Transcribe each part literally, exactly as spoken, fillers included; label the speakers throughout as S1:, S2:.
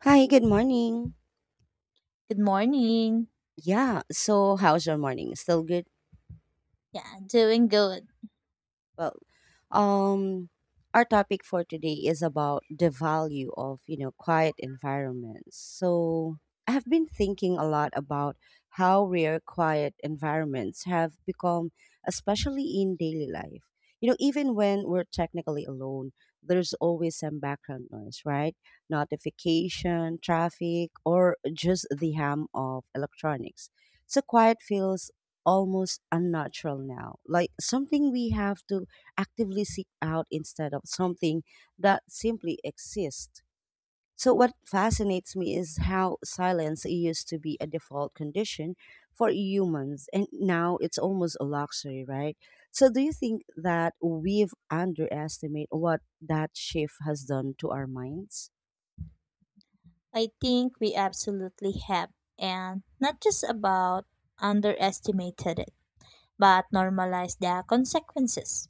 S1: Hi, good morning.
S2: Good morning.
S1: Yeah, so how's your morning? Still good?
S2: Yeah, doing good.
S1: Well, um, our topic for today is about the value of, you know, quiet environments. So I have been thinking a lot about how rare quiet environments have become, especially in daily life. You know, even when we're technically alone, there's always some background noise, right? Notification, traffic, or just the hum of electronics. So quiet feels almost unnatural now, like something we have to actively seek out instead of something that simply exists. So, what fascinates me is how silence used to be a default condition for humans, and now it's almost a luxury, right? So do you think that we've underestimated what that shift has done to our minds?
S2: I think we absolutely have, and not just about underestimated it, but normalized the consequences.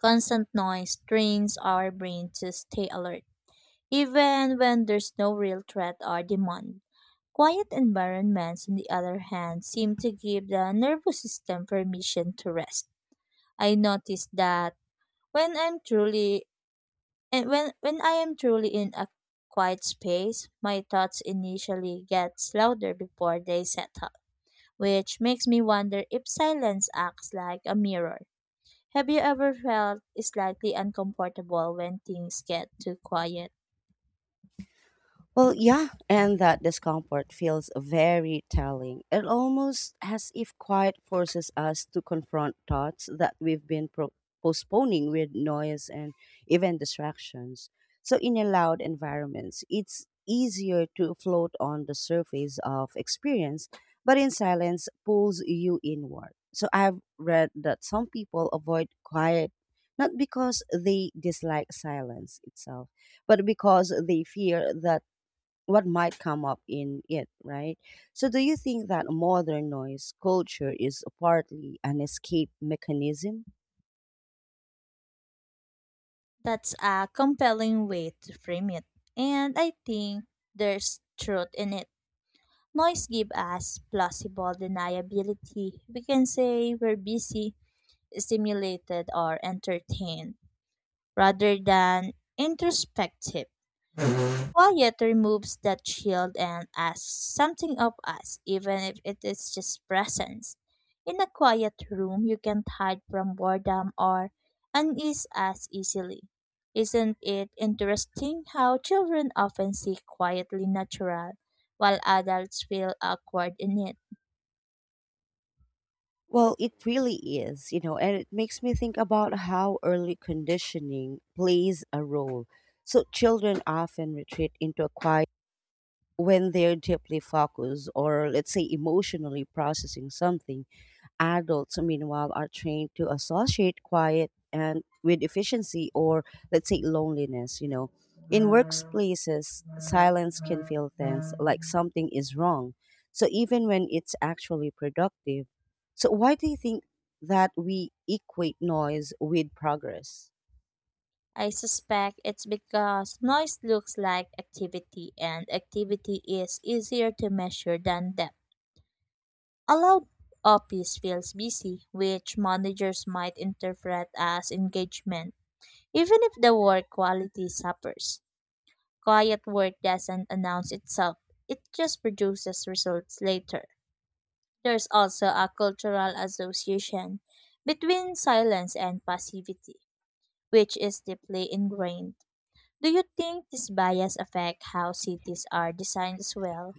S2: Constant noise trains our brain to stay alert, even when there's no real threat or demand. Quiet environments, on the other hand, seem to give the nervous system permission to rest. I noticed that when I'm truly And when when I am truly in a quiet space, my thoughts initially get louder before they settle, which makes me wonder if silence acts like a mirror. Have you ever felt slightly uncomfortable when things get too quiet?
S1: Well, yeah, and that discomfort feels very telling. It almost as if quiet forces us to confront thoughts that we've been pro- postponing with noise and even distractions. So, in a loud environments, it's easier to float on the surface of experience, but in silence pulls you inward. So, I've read that some people avoid quiet not because they dislike silence itself, but because they fear that what might come up in it, right? So, do you think that modern noise culture is partly an escape mechanism?
S2: That's a compelling way to frame it. And I think there's truth in it. Noise gives us plausible deniability. We can say we're busy, stimulated, or entertained rather than introspective. Quiet removes that shield and asks something of us, even if it is just presence. In a quiet room, you can't hide from boredom or unease as easily. Isn't it interesting how children often seek quietly natural, while adults feel awkward in it?
S1: Well, it really is, you know, and it makes me think about how early conditioning plays a role. So, children often retreat into a quiet when they're deeply focused or, let's say, emotionally processing something. Adults, meanwhile, are trained to associate quiet and with efficiency or, let's say, loneliness. You know, in workplaces, silence can feel tense, like something is wrong. So even when it's actually productive. So why do you think that we equate noise with progress?
S2: I suspect it's because noise looks like activity, and activity is easier to measure than depth. A loud office feels busy, which managers might interpret as engagement, even if the work quality suffers. Quiet work doesn't announce itself, it just produces results later. There's also a cultural association between silence and passivity, which is deeply ingrained. Do you think this bias affects how cities are designed as well?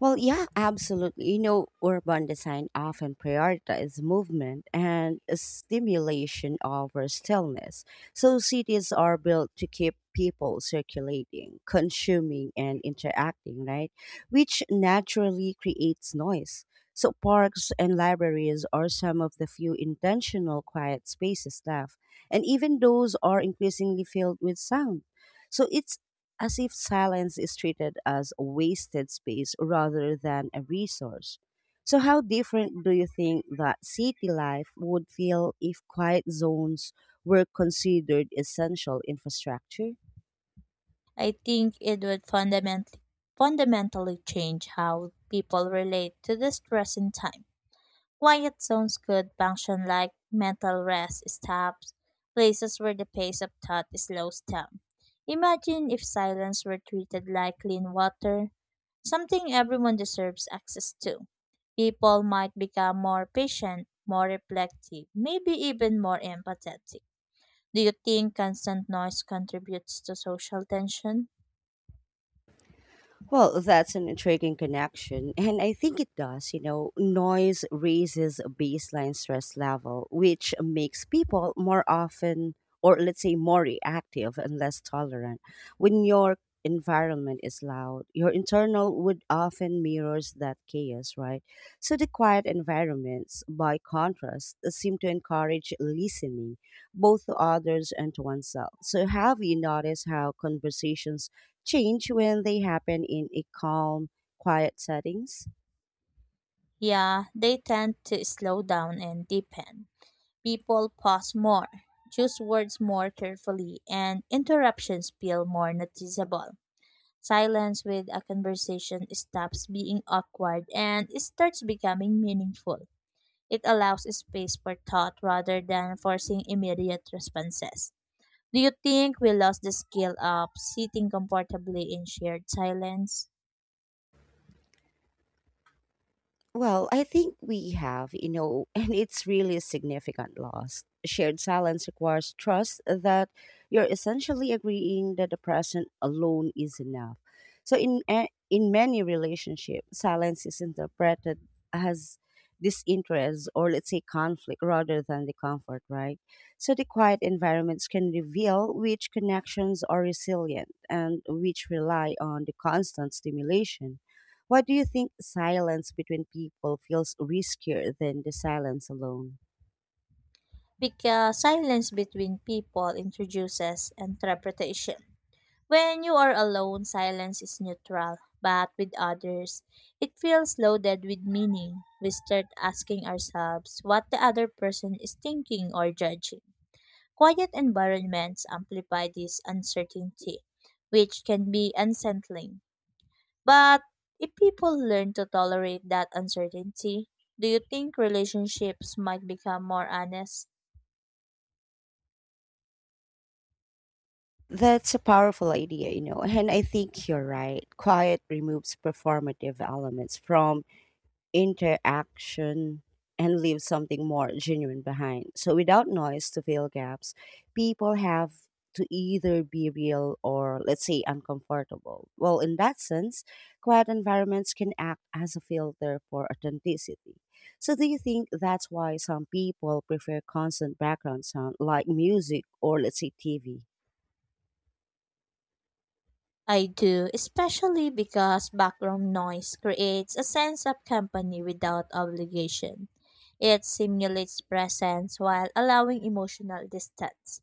S1: Well, yeah, absolutely. You know, urban design often prioritizes movement and stimulation over stillness. So cities are built to keep people circulating, consuming, and interacting, right? Which naturally creates noise. So parks and libraries are some of the few intentional quiet spaces left, and even those are increasingly filled with sound. So it as if silence is treated as a wasted space rather than a resource. So, how different do you think that city life would feel if quiet zones were considered essential infrastructure?
S2: I think it would fundamentally fundamentally change how people relate to the stress in time. Quiet zones could function like mental rest stops, places where the pace of thought slows down. Imagine if silence were treated like clean water, something everyone deserves access to. People might become more patient, more reflective, maybe even more empathetic. Do you think constant noise contributes to social tension?
S1: Well, that's an intriguing connection, and I think it does. You know, noise raises a baseline stress level, which makes people more often, or let's say, more reactive and less tolerant. When your environment is loud, your internal would often mirrors that chaos, right? So the quiet environments, by contrast, seem to encourage listening, both to others and to oneself. So, have you noticed how conversations change when they happen in a calm, quiet settings?
S2: Yeah, they tend to slow down and deepen. People pause more, choose words more carefully, and interruptions feel more noticeable. Silence with a conversation stops being awkward and it starts becoming meaningful. It allows space for thought rather than forcing immediate responses. Do you think we lost the skill of sitting comfortably in shared silence?
S1: Well, I think we have, you know, and it's really a significant loss. Shared silence requires trust that you're essentially agreeing that the present alone is enough. So, in a- in many relationships, silence is interpreted as disinterest or let's say conflict rather than the comfort, right? So, the quiet environments can reveal which connections are resilient and which rely on the constant stimulation. Why do you think silence between people feels riskier than the silence alone?
S2: Because silence between people introduces interpretation. When you are alone, silence is neutral, but with others, it feels loaded with meaning. We start asking ourselves what the other person is thinking or judging. Quiet environments amplify this uncertainty, which can be unsettling. But if people learn to tolerate that uncertainty, do you think relationships might become more honest?
S1: That's a powerful idea, you know, and I think you're right. Quiet removes performative elements from interaction and leave something more genuine behind. So without noise to fill gaps, people have to either be real or let's say uncomfortable. Well, in that sense, quiet environments can act as a filter for authenticity. So do you think that's why some people prefer constant background sound like music or let's say T V?
S2: I do, especially because background noise creates a sense of company without obligation. It simulates presence while allowing emotional distance.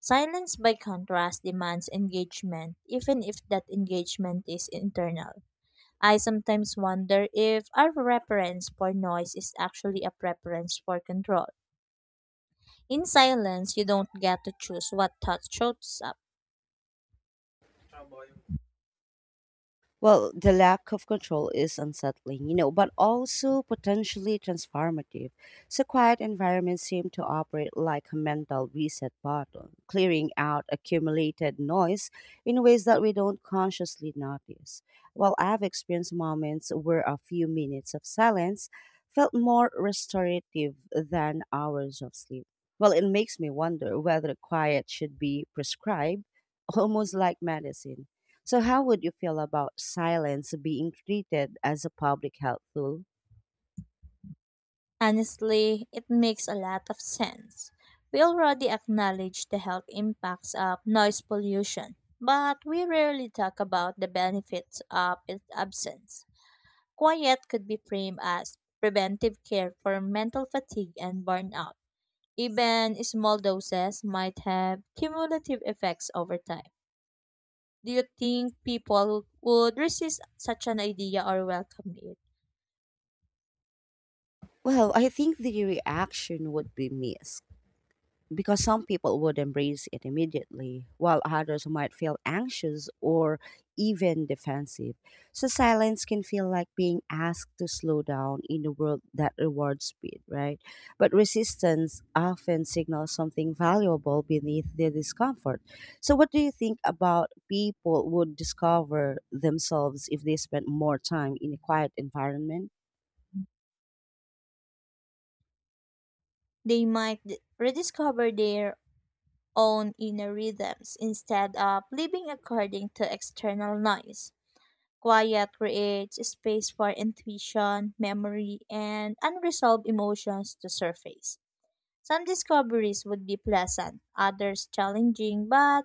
S2: Silence, by contrast, demands engagement, even if that engagement is internal. I sometimes wonder if our preference for noise is actually a preference for control. In silence, you don't get to choose what thought shows up.
S1: Well, the lack of control is unsettling, you know, but also potentially transformative. So, quiet environments seem to operate like a mental reset button, clearing out accumulated noise in ways that we don't consciously notice. While I've experienced moments where a few minutes of silence felt more restorative than hours of sleep. Well, it makes me wonder whether quiet should be prescribed almost like medicine. So, how would you feel about silence being treated as a public health tool?
S2: Honestly, it makes a lot of sense. We already acknowledge the health impacts of noise pollution, but we rarely talk about the benefits of its absence. Quiet could be framed as preventive care for mental fatigue and burnout. Even small doses might have cumulative effects over time. Do you think people would resist such an idea or welcome it?
S1: Well, I think the reaction would be mixed, because some people would embrace it immediately, while others might feel anxious or even defensive. So silence can feel like being asked to slow down in a world that rewards speed, right? But resistance often signals something valuable beneath the discomfort. So, what do you think about people would discover themselves if they spent more time in a quiet environment?
S2: They might d- rediscover their own inner rhythms instead of living according to external noise. Quiet creates space for intuition, memory, and unresolved emotions to surface. Some discoveries would be pleasant, others challenging, but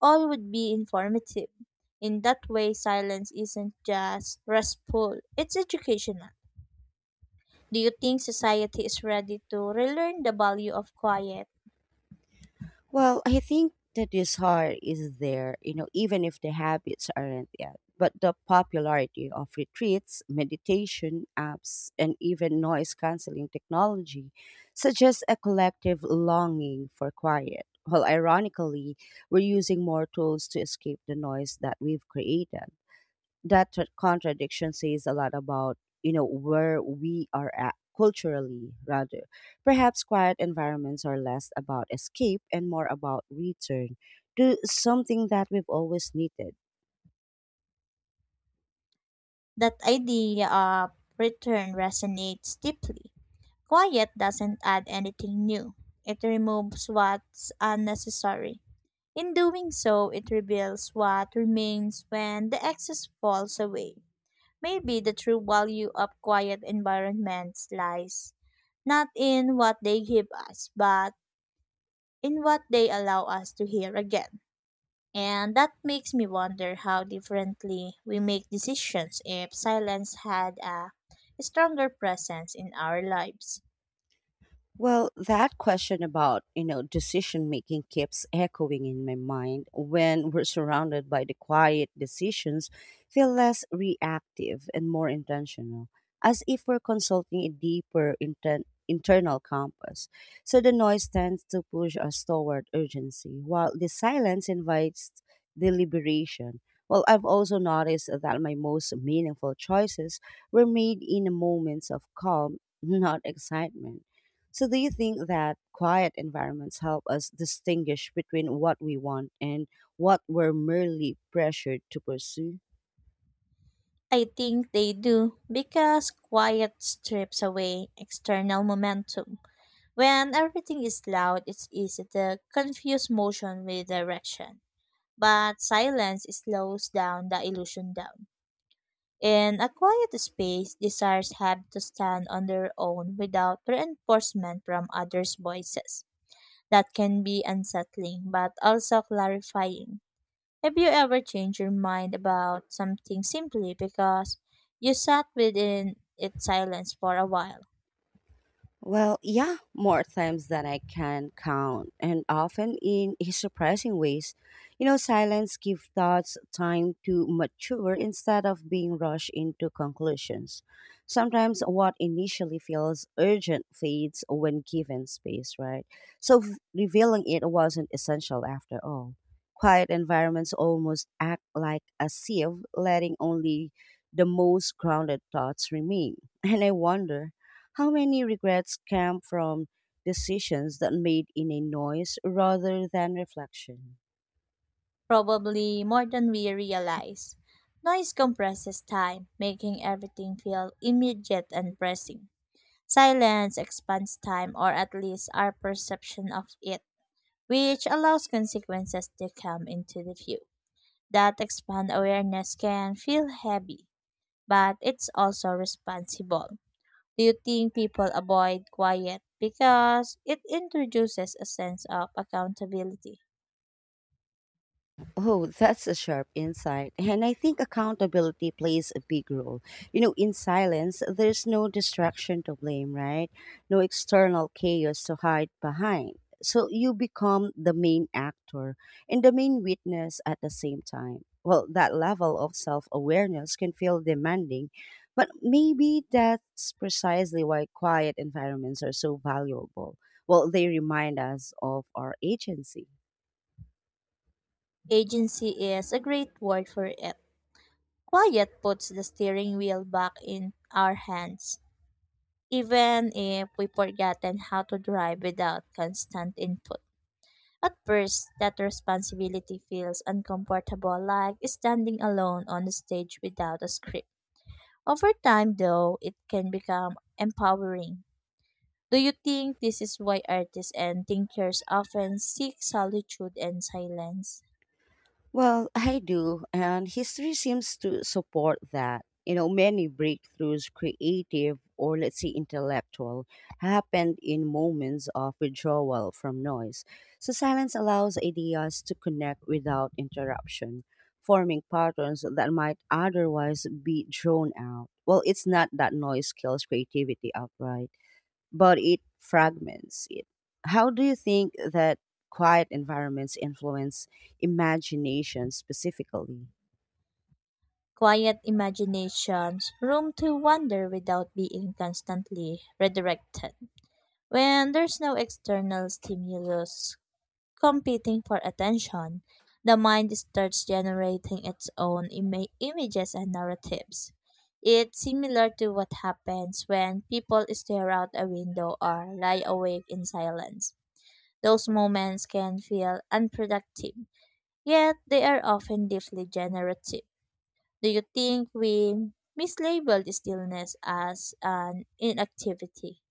S2: all would be informative. In that way, silence isn't just restful, it's educational. Do you think society is ready to relearn the value of quiet?
S1: Well, I think the desire is there, you know, even if the habits aren't yet. But the popularity of retreats, meditation apps, and even noise canceling technology suggests a collective longing for quiet. While ironically, we're using more tools to escape the noise that we've created. That tra- contradiction says a lot about you know where we are at culturally. Rather, perhaps quiet environments are less about escape and more about return to something that we've always needed.
S2: That idea of return resonates deeply. Quiet doesn't add anything new, it removes what's unnecessary. In doing so, it reveals what remains when the excess falls away. Maybe the true value of quiet environments lies not in what they give us, but in what they allow us to hear again. And that makes me wonder how differently we make decisions if silence had a stronger presence in our lives.
S1: Well, that question about, you know, decision making keeps echoing in my mind. When we're surrounded by the quiet, decisions feel less reactive and more intentional, as if we're consulting a deeper inten- internal compass. So the noise tends to push us toward urgency, while the silence invites deliberation. Well, I've also noticed that my most meaningful choices were made in moments of calm, not excitement. So, do you think that quiet environments help us distinguish between what we want and what we're merely pressured to pursue?
S2: I think they do because quiet strips away external momentum. When everything is loud, it's easy to confuse motion with direction. But silence slows down the illusion down. In a quiet space, desires have to stand on their own without reinforcement from others' voices. That can be unsettling but also clarifying. Have you ever changed your mind about something simply because you sat within its silence for a while?
S1: Well, yeah, more times than I can count, and often in a surprising ways. You know, silence gives thoughts time to mature instead of being rushed into conclusions. Sometimes what initially feels urgent fades when given space, right? So v- revealing it wasn't essential after all. Quiet environments almost act like a sieve, letting only the most grounded thoughts remain. And I wonder how many regrets came from decisions that made in a noise rather than reflection?
S2: Probably more than we realize. Noise compresses time, making everything feel immediate and pressing. Silence expands time, or at least our perception of it, which allows consequences to come into the view. That expand awareness can feel heavy, but it's also responsible. Do you think people avoid quiet because it introduces a sense of accountability?
S1: Oh, that's a sharp insight. And I think accountability plays a big role. You know, in silence, there's no distraction to blame, right? No external chaos to hide behind. So you become the main actor and the main witness at the same time. Well, that level of self awareness can feel demanding, but maybe that's precisely why quiet environments are so valuable. Well, they remind us of our agency.
S2: Agency is a great word for it. Quiet puts the steering wheel back in our hands, even if we've forgotten how to drive without constant input. At first, that responsibility feels uncomfortable, like standing alone on the stage without a script. Over time, though, it can become empowering. Do you think this is why artists and thinkers often seek solitude and silence?
S1: Well, I do, and history seems to support that. You know, many breakthroughs, creative or let's say intellectual, happened in moments of withdrawal from noise. So, silence allows ideas to connect without interruption, forming patterns that might otherwise be drawn out. Well, it's not that noise kills creativity outright but it fragments it. How do you think that quiet environments influence imagination specifically?
S2: Quiet imaginations, room to wander without being constantly redirected. When there's no external stimulus, competing for attention, the mind starts generating its own ima- images and narratives. It's similar to what happens when people stare out a window or lie awake in silence. Those moments can feel unproductive, yet they are often deeply generative. Do you think we mislabeled stillness as an inactivity?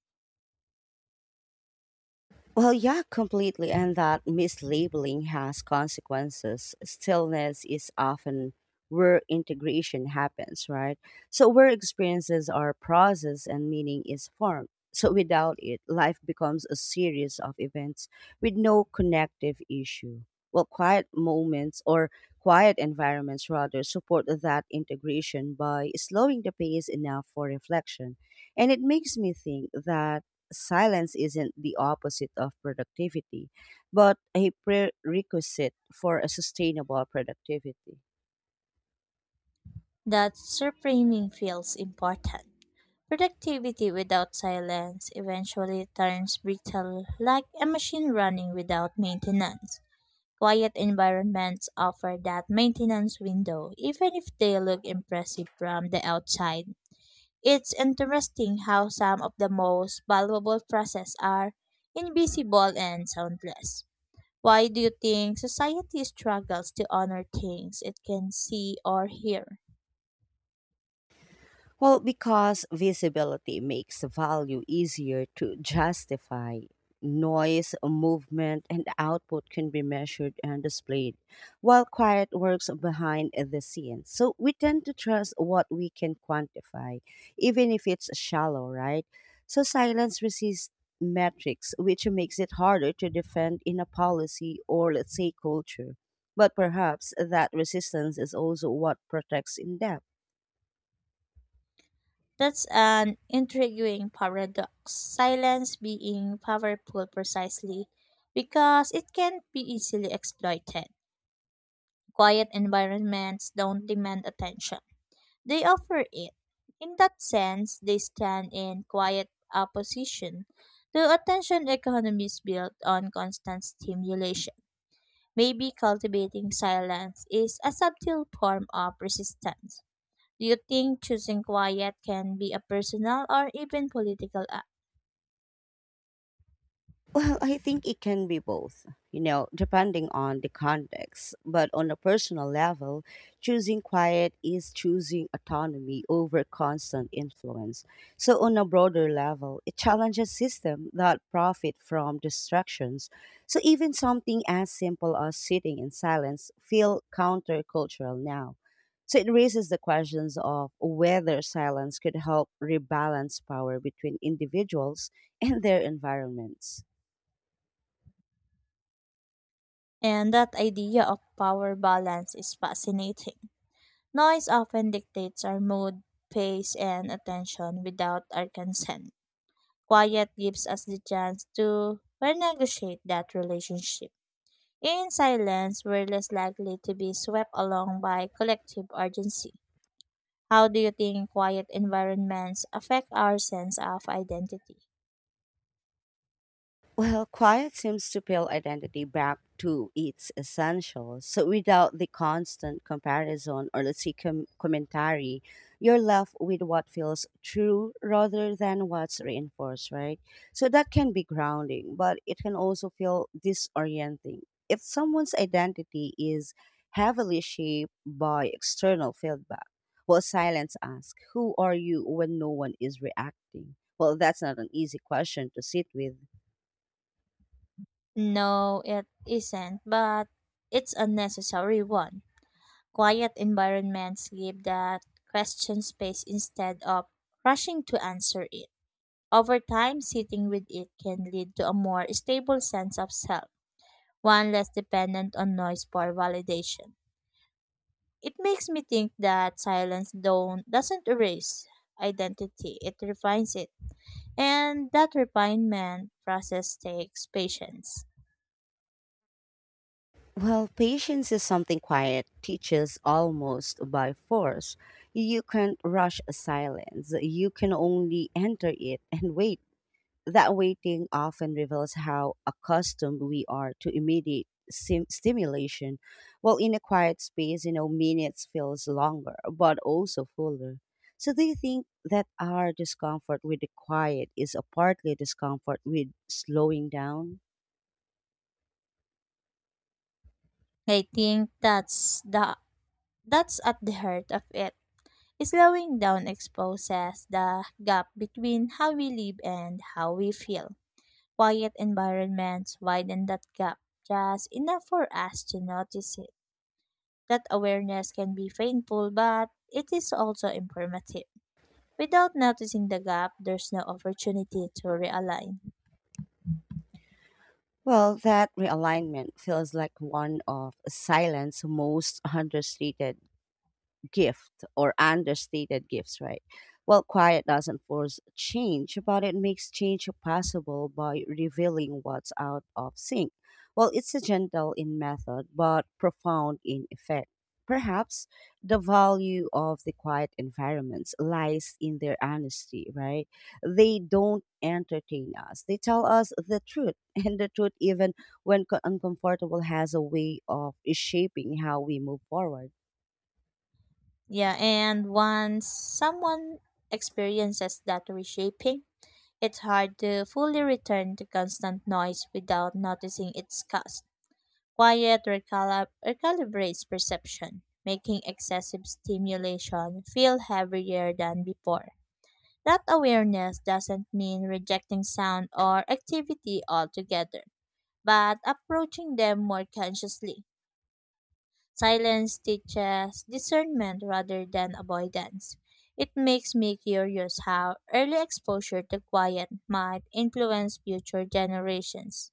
S1: Well, yeah, completely. And that mislabeling has consequences. Stillness is often where integration happens, right? So, where experiences are processed and meaning is formed. So, without it, life becomes a series of events with no connective issue. Well, quiet moments or quiet environments rather support that integration by slowing the pace enough for reflection. And it makes me think that silence isn't the opposite of productivity, but a prerequisite for a sustainable productivity.
S2: That reframing feels important. Productivity without silence eventually turns brittle, like a machine running without maintenance. Quiet environments offer that maintenance window, even if they look impressive from the outside. It's interesting how some of the most valuable processes are invisible and soundless. Why do you think society struggles to honor things it can see or hear?
S1: Well, because visibility makes value easier to justify. Noise, movement, and output can be measured and displayed, while quiet works behind the scenes. So we tend to trust what we can quantify, even if it's shallow, right? So silence resists metrics, which makes it harder to defend in a policy or, let's say, culture. But perhaps that resistance is also what protects in depth.
S2: That's an intriguing paradox. Silence being powerful precisely because it can be easily exploited. Quiet environments don't demand attention, they offer it. In that sense, they stand in quiet opposition to attention economies built on constant stimulation. Maybe cultivating silence is a subtle form of resistance. Do you think choosing quiet can be a personal or even political act?
S1: Well, I think it can be both, you know, depending on the context. But on a personal level, choosing quiet is choosing autonomy over constant influence. So, on a broader level, it challenges systems that profit from distractions. So, even something as simple as sitting in silence feel countercultural now. So, it raises the questions of whether silence could help rebalance power between individuals and their environments.
S2: And that idea of power balance is fascinating. Noise often dictates our mood, pace, and attention without our consent. Quiet gives us the chance to renegotiate that relationship. In silence, we're less likely to be swept along by collective urgency. How do you think quiet environments affect our sense of identity?
S1: Well, quiet seems to peel identity back to its essentials. So, without the constant comparison or let's say com- commentary, you're left with what feels true rather than what's reinforced, right? So, that can be grounding, but it can also feel disorienting. If someone's identity is heavily shaped by external feedback, well, silence asks, Who are you when no one is reacting? Well, that's not an easy question to sit with.
S2: No, it isn't, but it's a necessary one. Quiet environments give that question space instead of rushing to answer it. Over time, sitting with it can lead to a more stable sense of self, one less dependent on noise for validation. It makes me think that silence don't, doesn't erase identity, it refines it. And that refinement process takes patience.
S1: Well, patience is something quiet teaches almost by force. You can't rush silence. You can only enter it and wait. That waiting often reveals how accustomed we are to immediate sim- stimulation. While in a quiet space, you know, minutes feels longer, but also fuller. So do you think that our discomfort with the quiet is a partly discomfort with slowing down?
S2: I think that's the That's at the heart of it. Slowing down exposes the gap between how we live and how we feel. Quiet environments widen that gap just enough for us to notice it. That awareness can be painful, but it is also informative. Without noticing the gap, there's no opportunity to realign.
S1: Well, that realignment feels like one of silence most understated gift or understated gifts, right? Well, quiet doesn't force change, but it makes change possible by revealing what's out of sync. Well, it's a gentle in method, but profound in effect. Perhaps the value of the quiet environments lies in their honesty, right? They don't entertain us. They tell us the truth, and the truth, even when co- uncomfortable, has a way of shaping how we move forward.
S2: Yeah, and once someone experiences that reshaping, it's hard to fully return to constant noise without noticing its cost. Quiet recalib- recalibrates perception, making excessive stimulation feel heavier than before. That awareness doesn't mean rejecting sound or activity altogether, but approaching them more consciously. Silence teaches discernment rather than avoidance. It makes me curious how early exposure to quiet might influence future generations.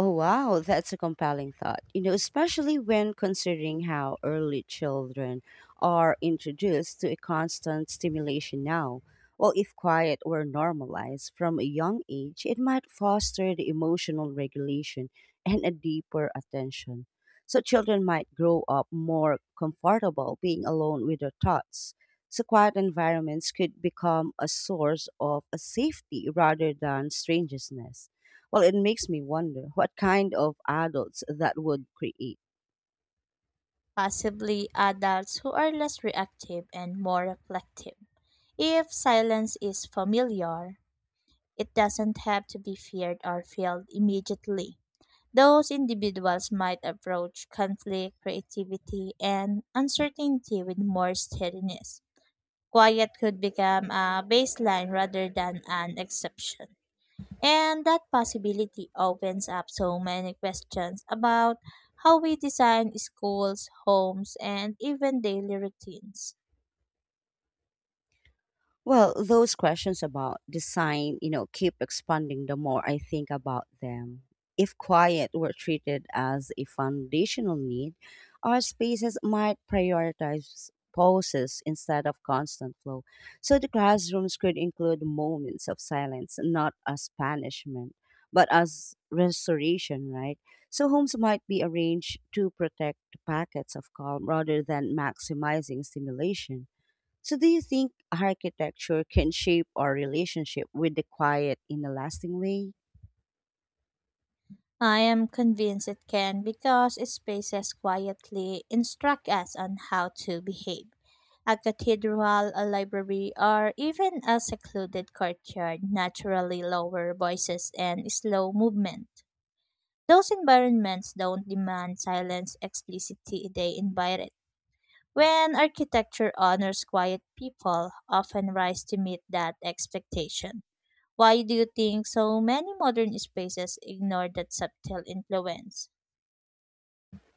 S1: Oh, wow, that's a compelling thought. You know, especially when considering how early children are introduced to a constant stimulation now. Well, if quiet were normalized from a young age, it might foster the emotional regulation and a deeper attention. So, children might grow up more comfortable being alone with their thoughts. So, quiet environments could become a source of a safety rather than strangeness. Well, it makes me wonder what kind of adults that would create.
S2: Possibly adults who are less reactive and more reflective. If silence is familiar, it doesn't have to be feared or felt immediately. Those individuals might approach conflict, creativity, and uncertainty with more steadiness. Quiet could become a baseline rather than an exception. And that possibility opens up so many questions about how we design schools, homes, and even daily routines.
S1: Well, those questions about design, you know, keep expanding the more I think about them. If quiet were treated as a foundational need, our spaces might prioritize pauses instead of constant flow. So the classrooms could include moments of silence, not as punishment, but as restoration, right? So homes might be arranged to protect packets of calm rather than maximizing stimulation. So, do you think architecture can shape our relationship with the quiet in a lasting way?
S2: I am convinced it can because spaces quietly instruct us on how to behave. A cathedral, a library, or even a secluded courtyard naturally lower voices and slow movement. Those environments don't demand silence explicitly, they invite it. When architecture honors quiet people, often rise to meet that expectation. Why do you think so many modern spaces ignore that subtle influence?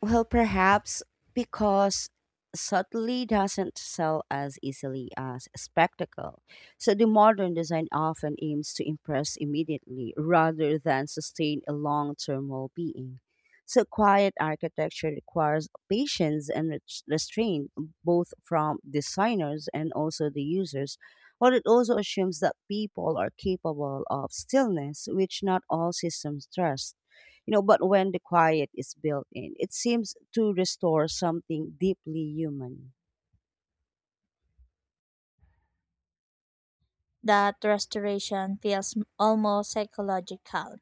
S1: Well, perhaps because subtlety doesn't sell as easily as spectacle. So the modern design often aims to impress immediately rather than sustain a long term well being. So quiet architecture requires patience and res- restraint, both from designers and also the users. But it also assumes that people are capable of stillness, which not all systems trust. You know, but when the quiet is built in, it seems to restore something deeply human.
S2: That restoration feels almost psychological.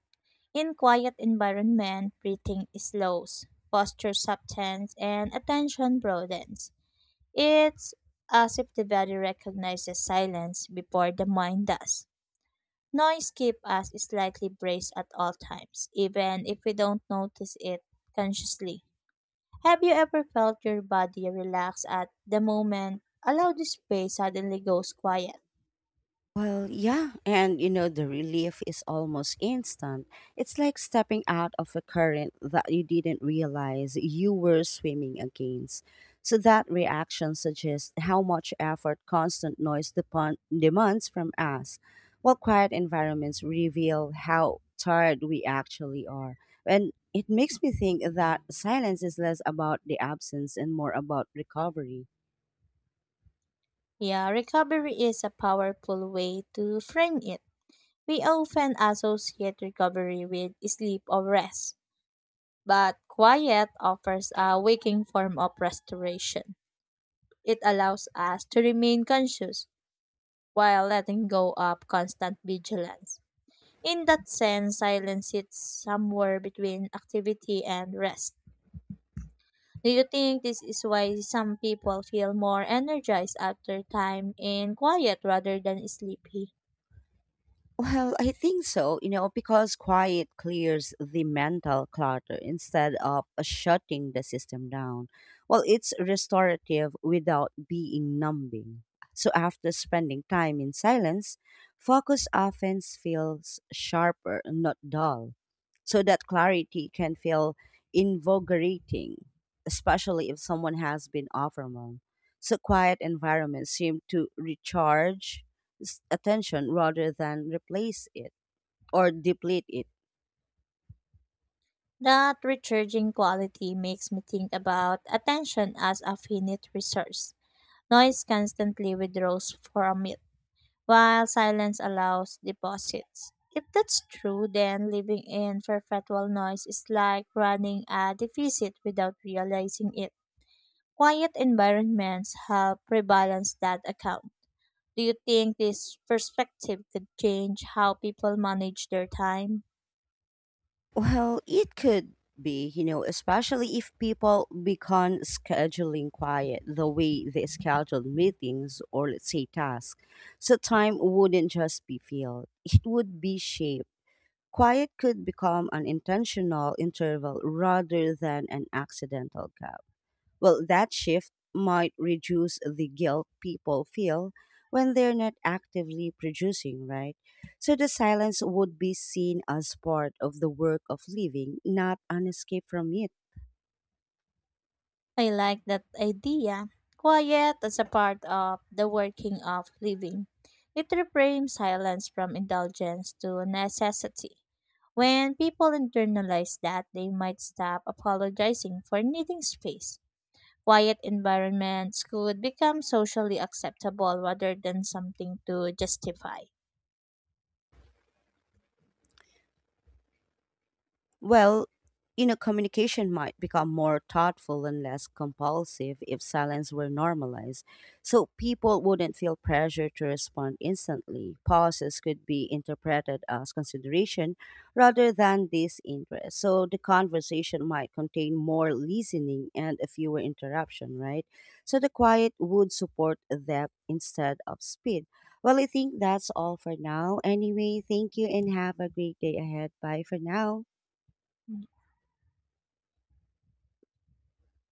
S2: In quiet environment, breathing slows, posture softens, and attention broadens. It's as if the body recognizes silence before the mind does. Noise keeps us slightly braced at all times, even if we don't notice it consciously. Have you ever felt your body relax at the moment? Allow the space suddenly goes quiet.
S1: Well, yeah, and you know, the relief is almost instant. It's like stepping out of a current that you didn't realize you were swimming against. So, that reaction suggests how much effort constant noise depon- demands from us, while quiet environments reveal how tired we actually are. And it makes me think that silence is less about the absence and more about recovery.
S2: Yeah, recovery is a powerful way to frame it. We often associate recovery with sleep or rest, but quiet offers a waking form of restoration. It allows us to remain conscious while letting go of constant vigilance. In that sense, silence sits somewhere between activity and rest. Do you think this is why some people feel more energized after time in quiet rather than sleepy?
S1: Well, I think so, you know, because quiet clears the mental clutter instead of shutting the system down. Well, it's restorative without being numbing. So after spending time in silence, focus often feels sharper, not dull. So that clarity can feel invigorating, especially if someone has been overwhelmed. So quiet environments seem to recharge s- attention rather than replace it or deplete it?
S2: That recharging quality makes me think about attention as a finite resource. Noise constantly withdraws from it, while silence allows deposits. If that's true, then living in perpetual noise is like running a deficit without realizing it. Quiet environments help rebalance that account. Do you think this perspective could change how people manage their time?
S1: Well, it could be, you know, especially if people become scheduling quiet the way they schedule meetings or let's say tasks. So time wouldn't just be filled, it would be shaped. Quiet could become an intentional interval rather than an accidental gap. Well, that shift might reduce the guilt people feel when they're not actively producing, right? So the silence would be seen as part of the work of living, not an escape from it.
S2: I like that idea. Quiet as a part of the working of living. It reframes silence from indulgence to necessity. When people internalize that, they might stop apologizing for needing space. Quiet environments could become socially acceptable rather than something to justify.
S1: Well, you know, communication might become more thoughtful and less compulsive if silence were normalized. So people wouldn't feel pressure to respond instantly. Pauses could be interpreted as consideration rather than disinterest. So the conversation might contain more listening and a fewer interruption, right? So the quiet would support depth instead of speed. Well, I think that's all for now. Anyway, thank you and have a great day ahead. Bye for now.
S2: Ujú.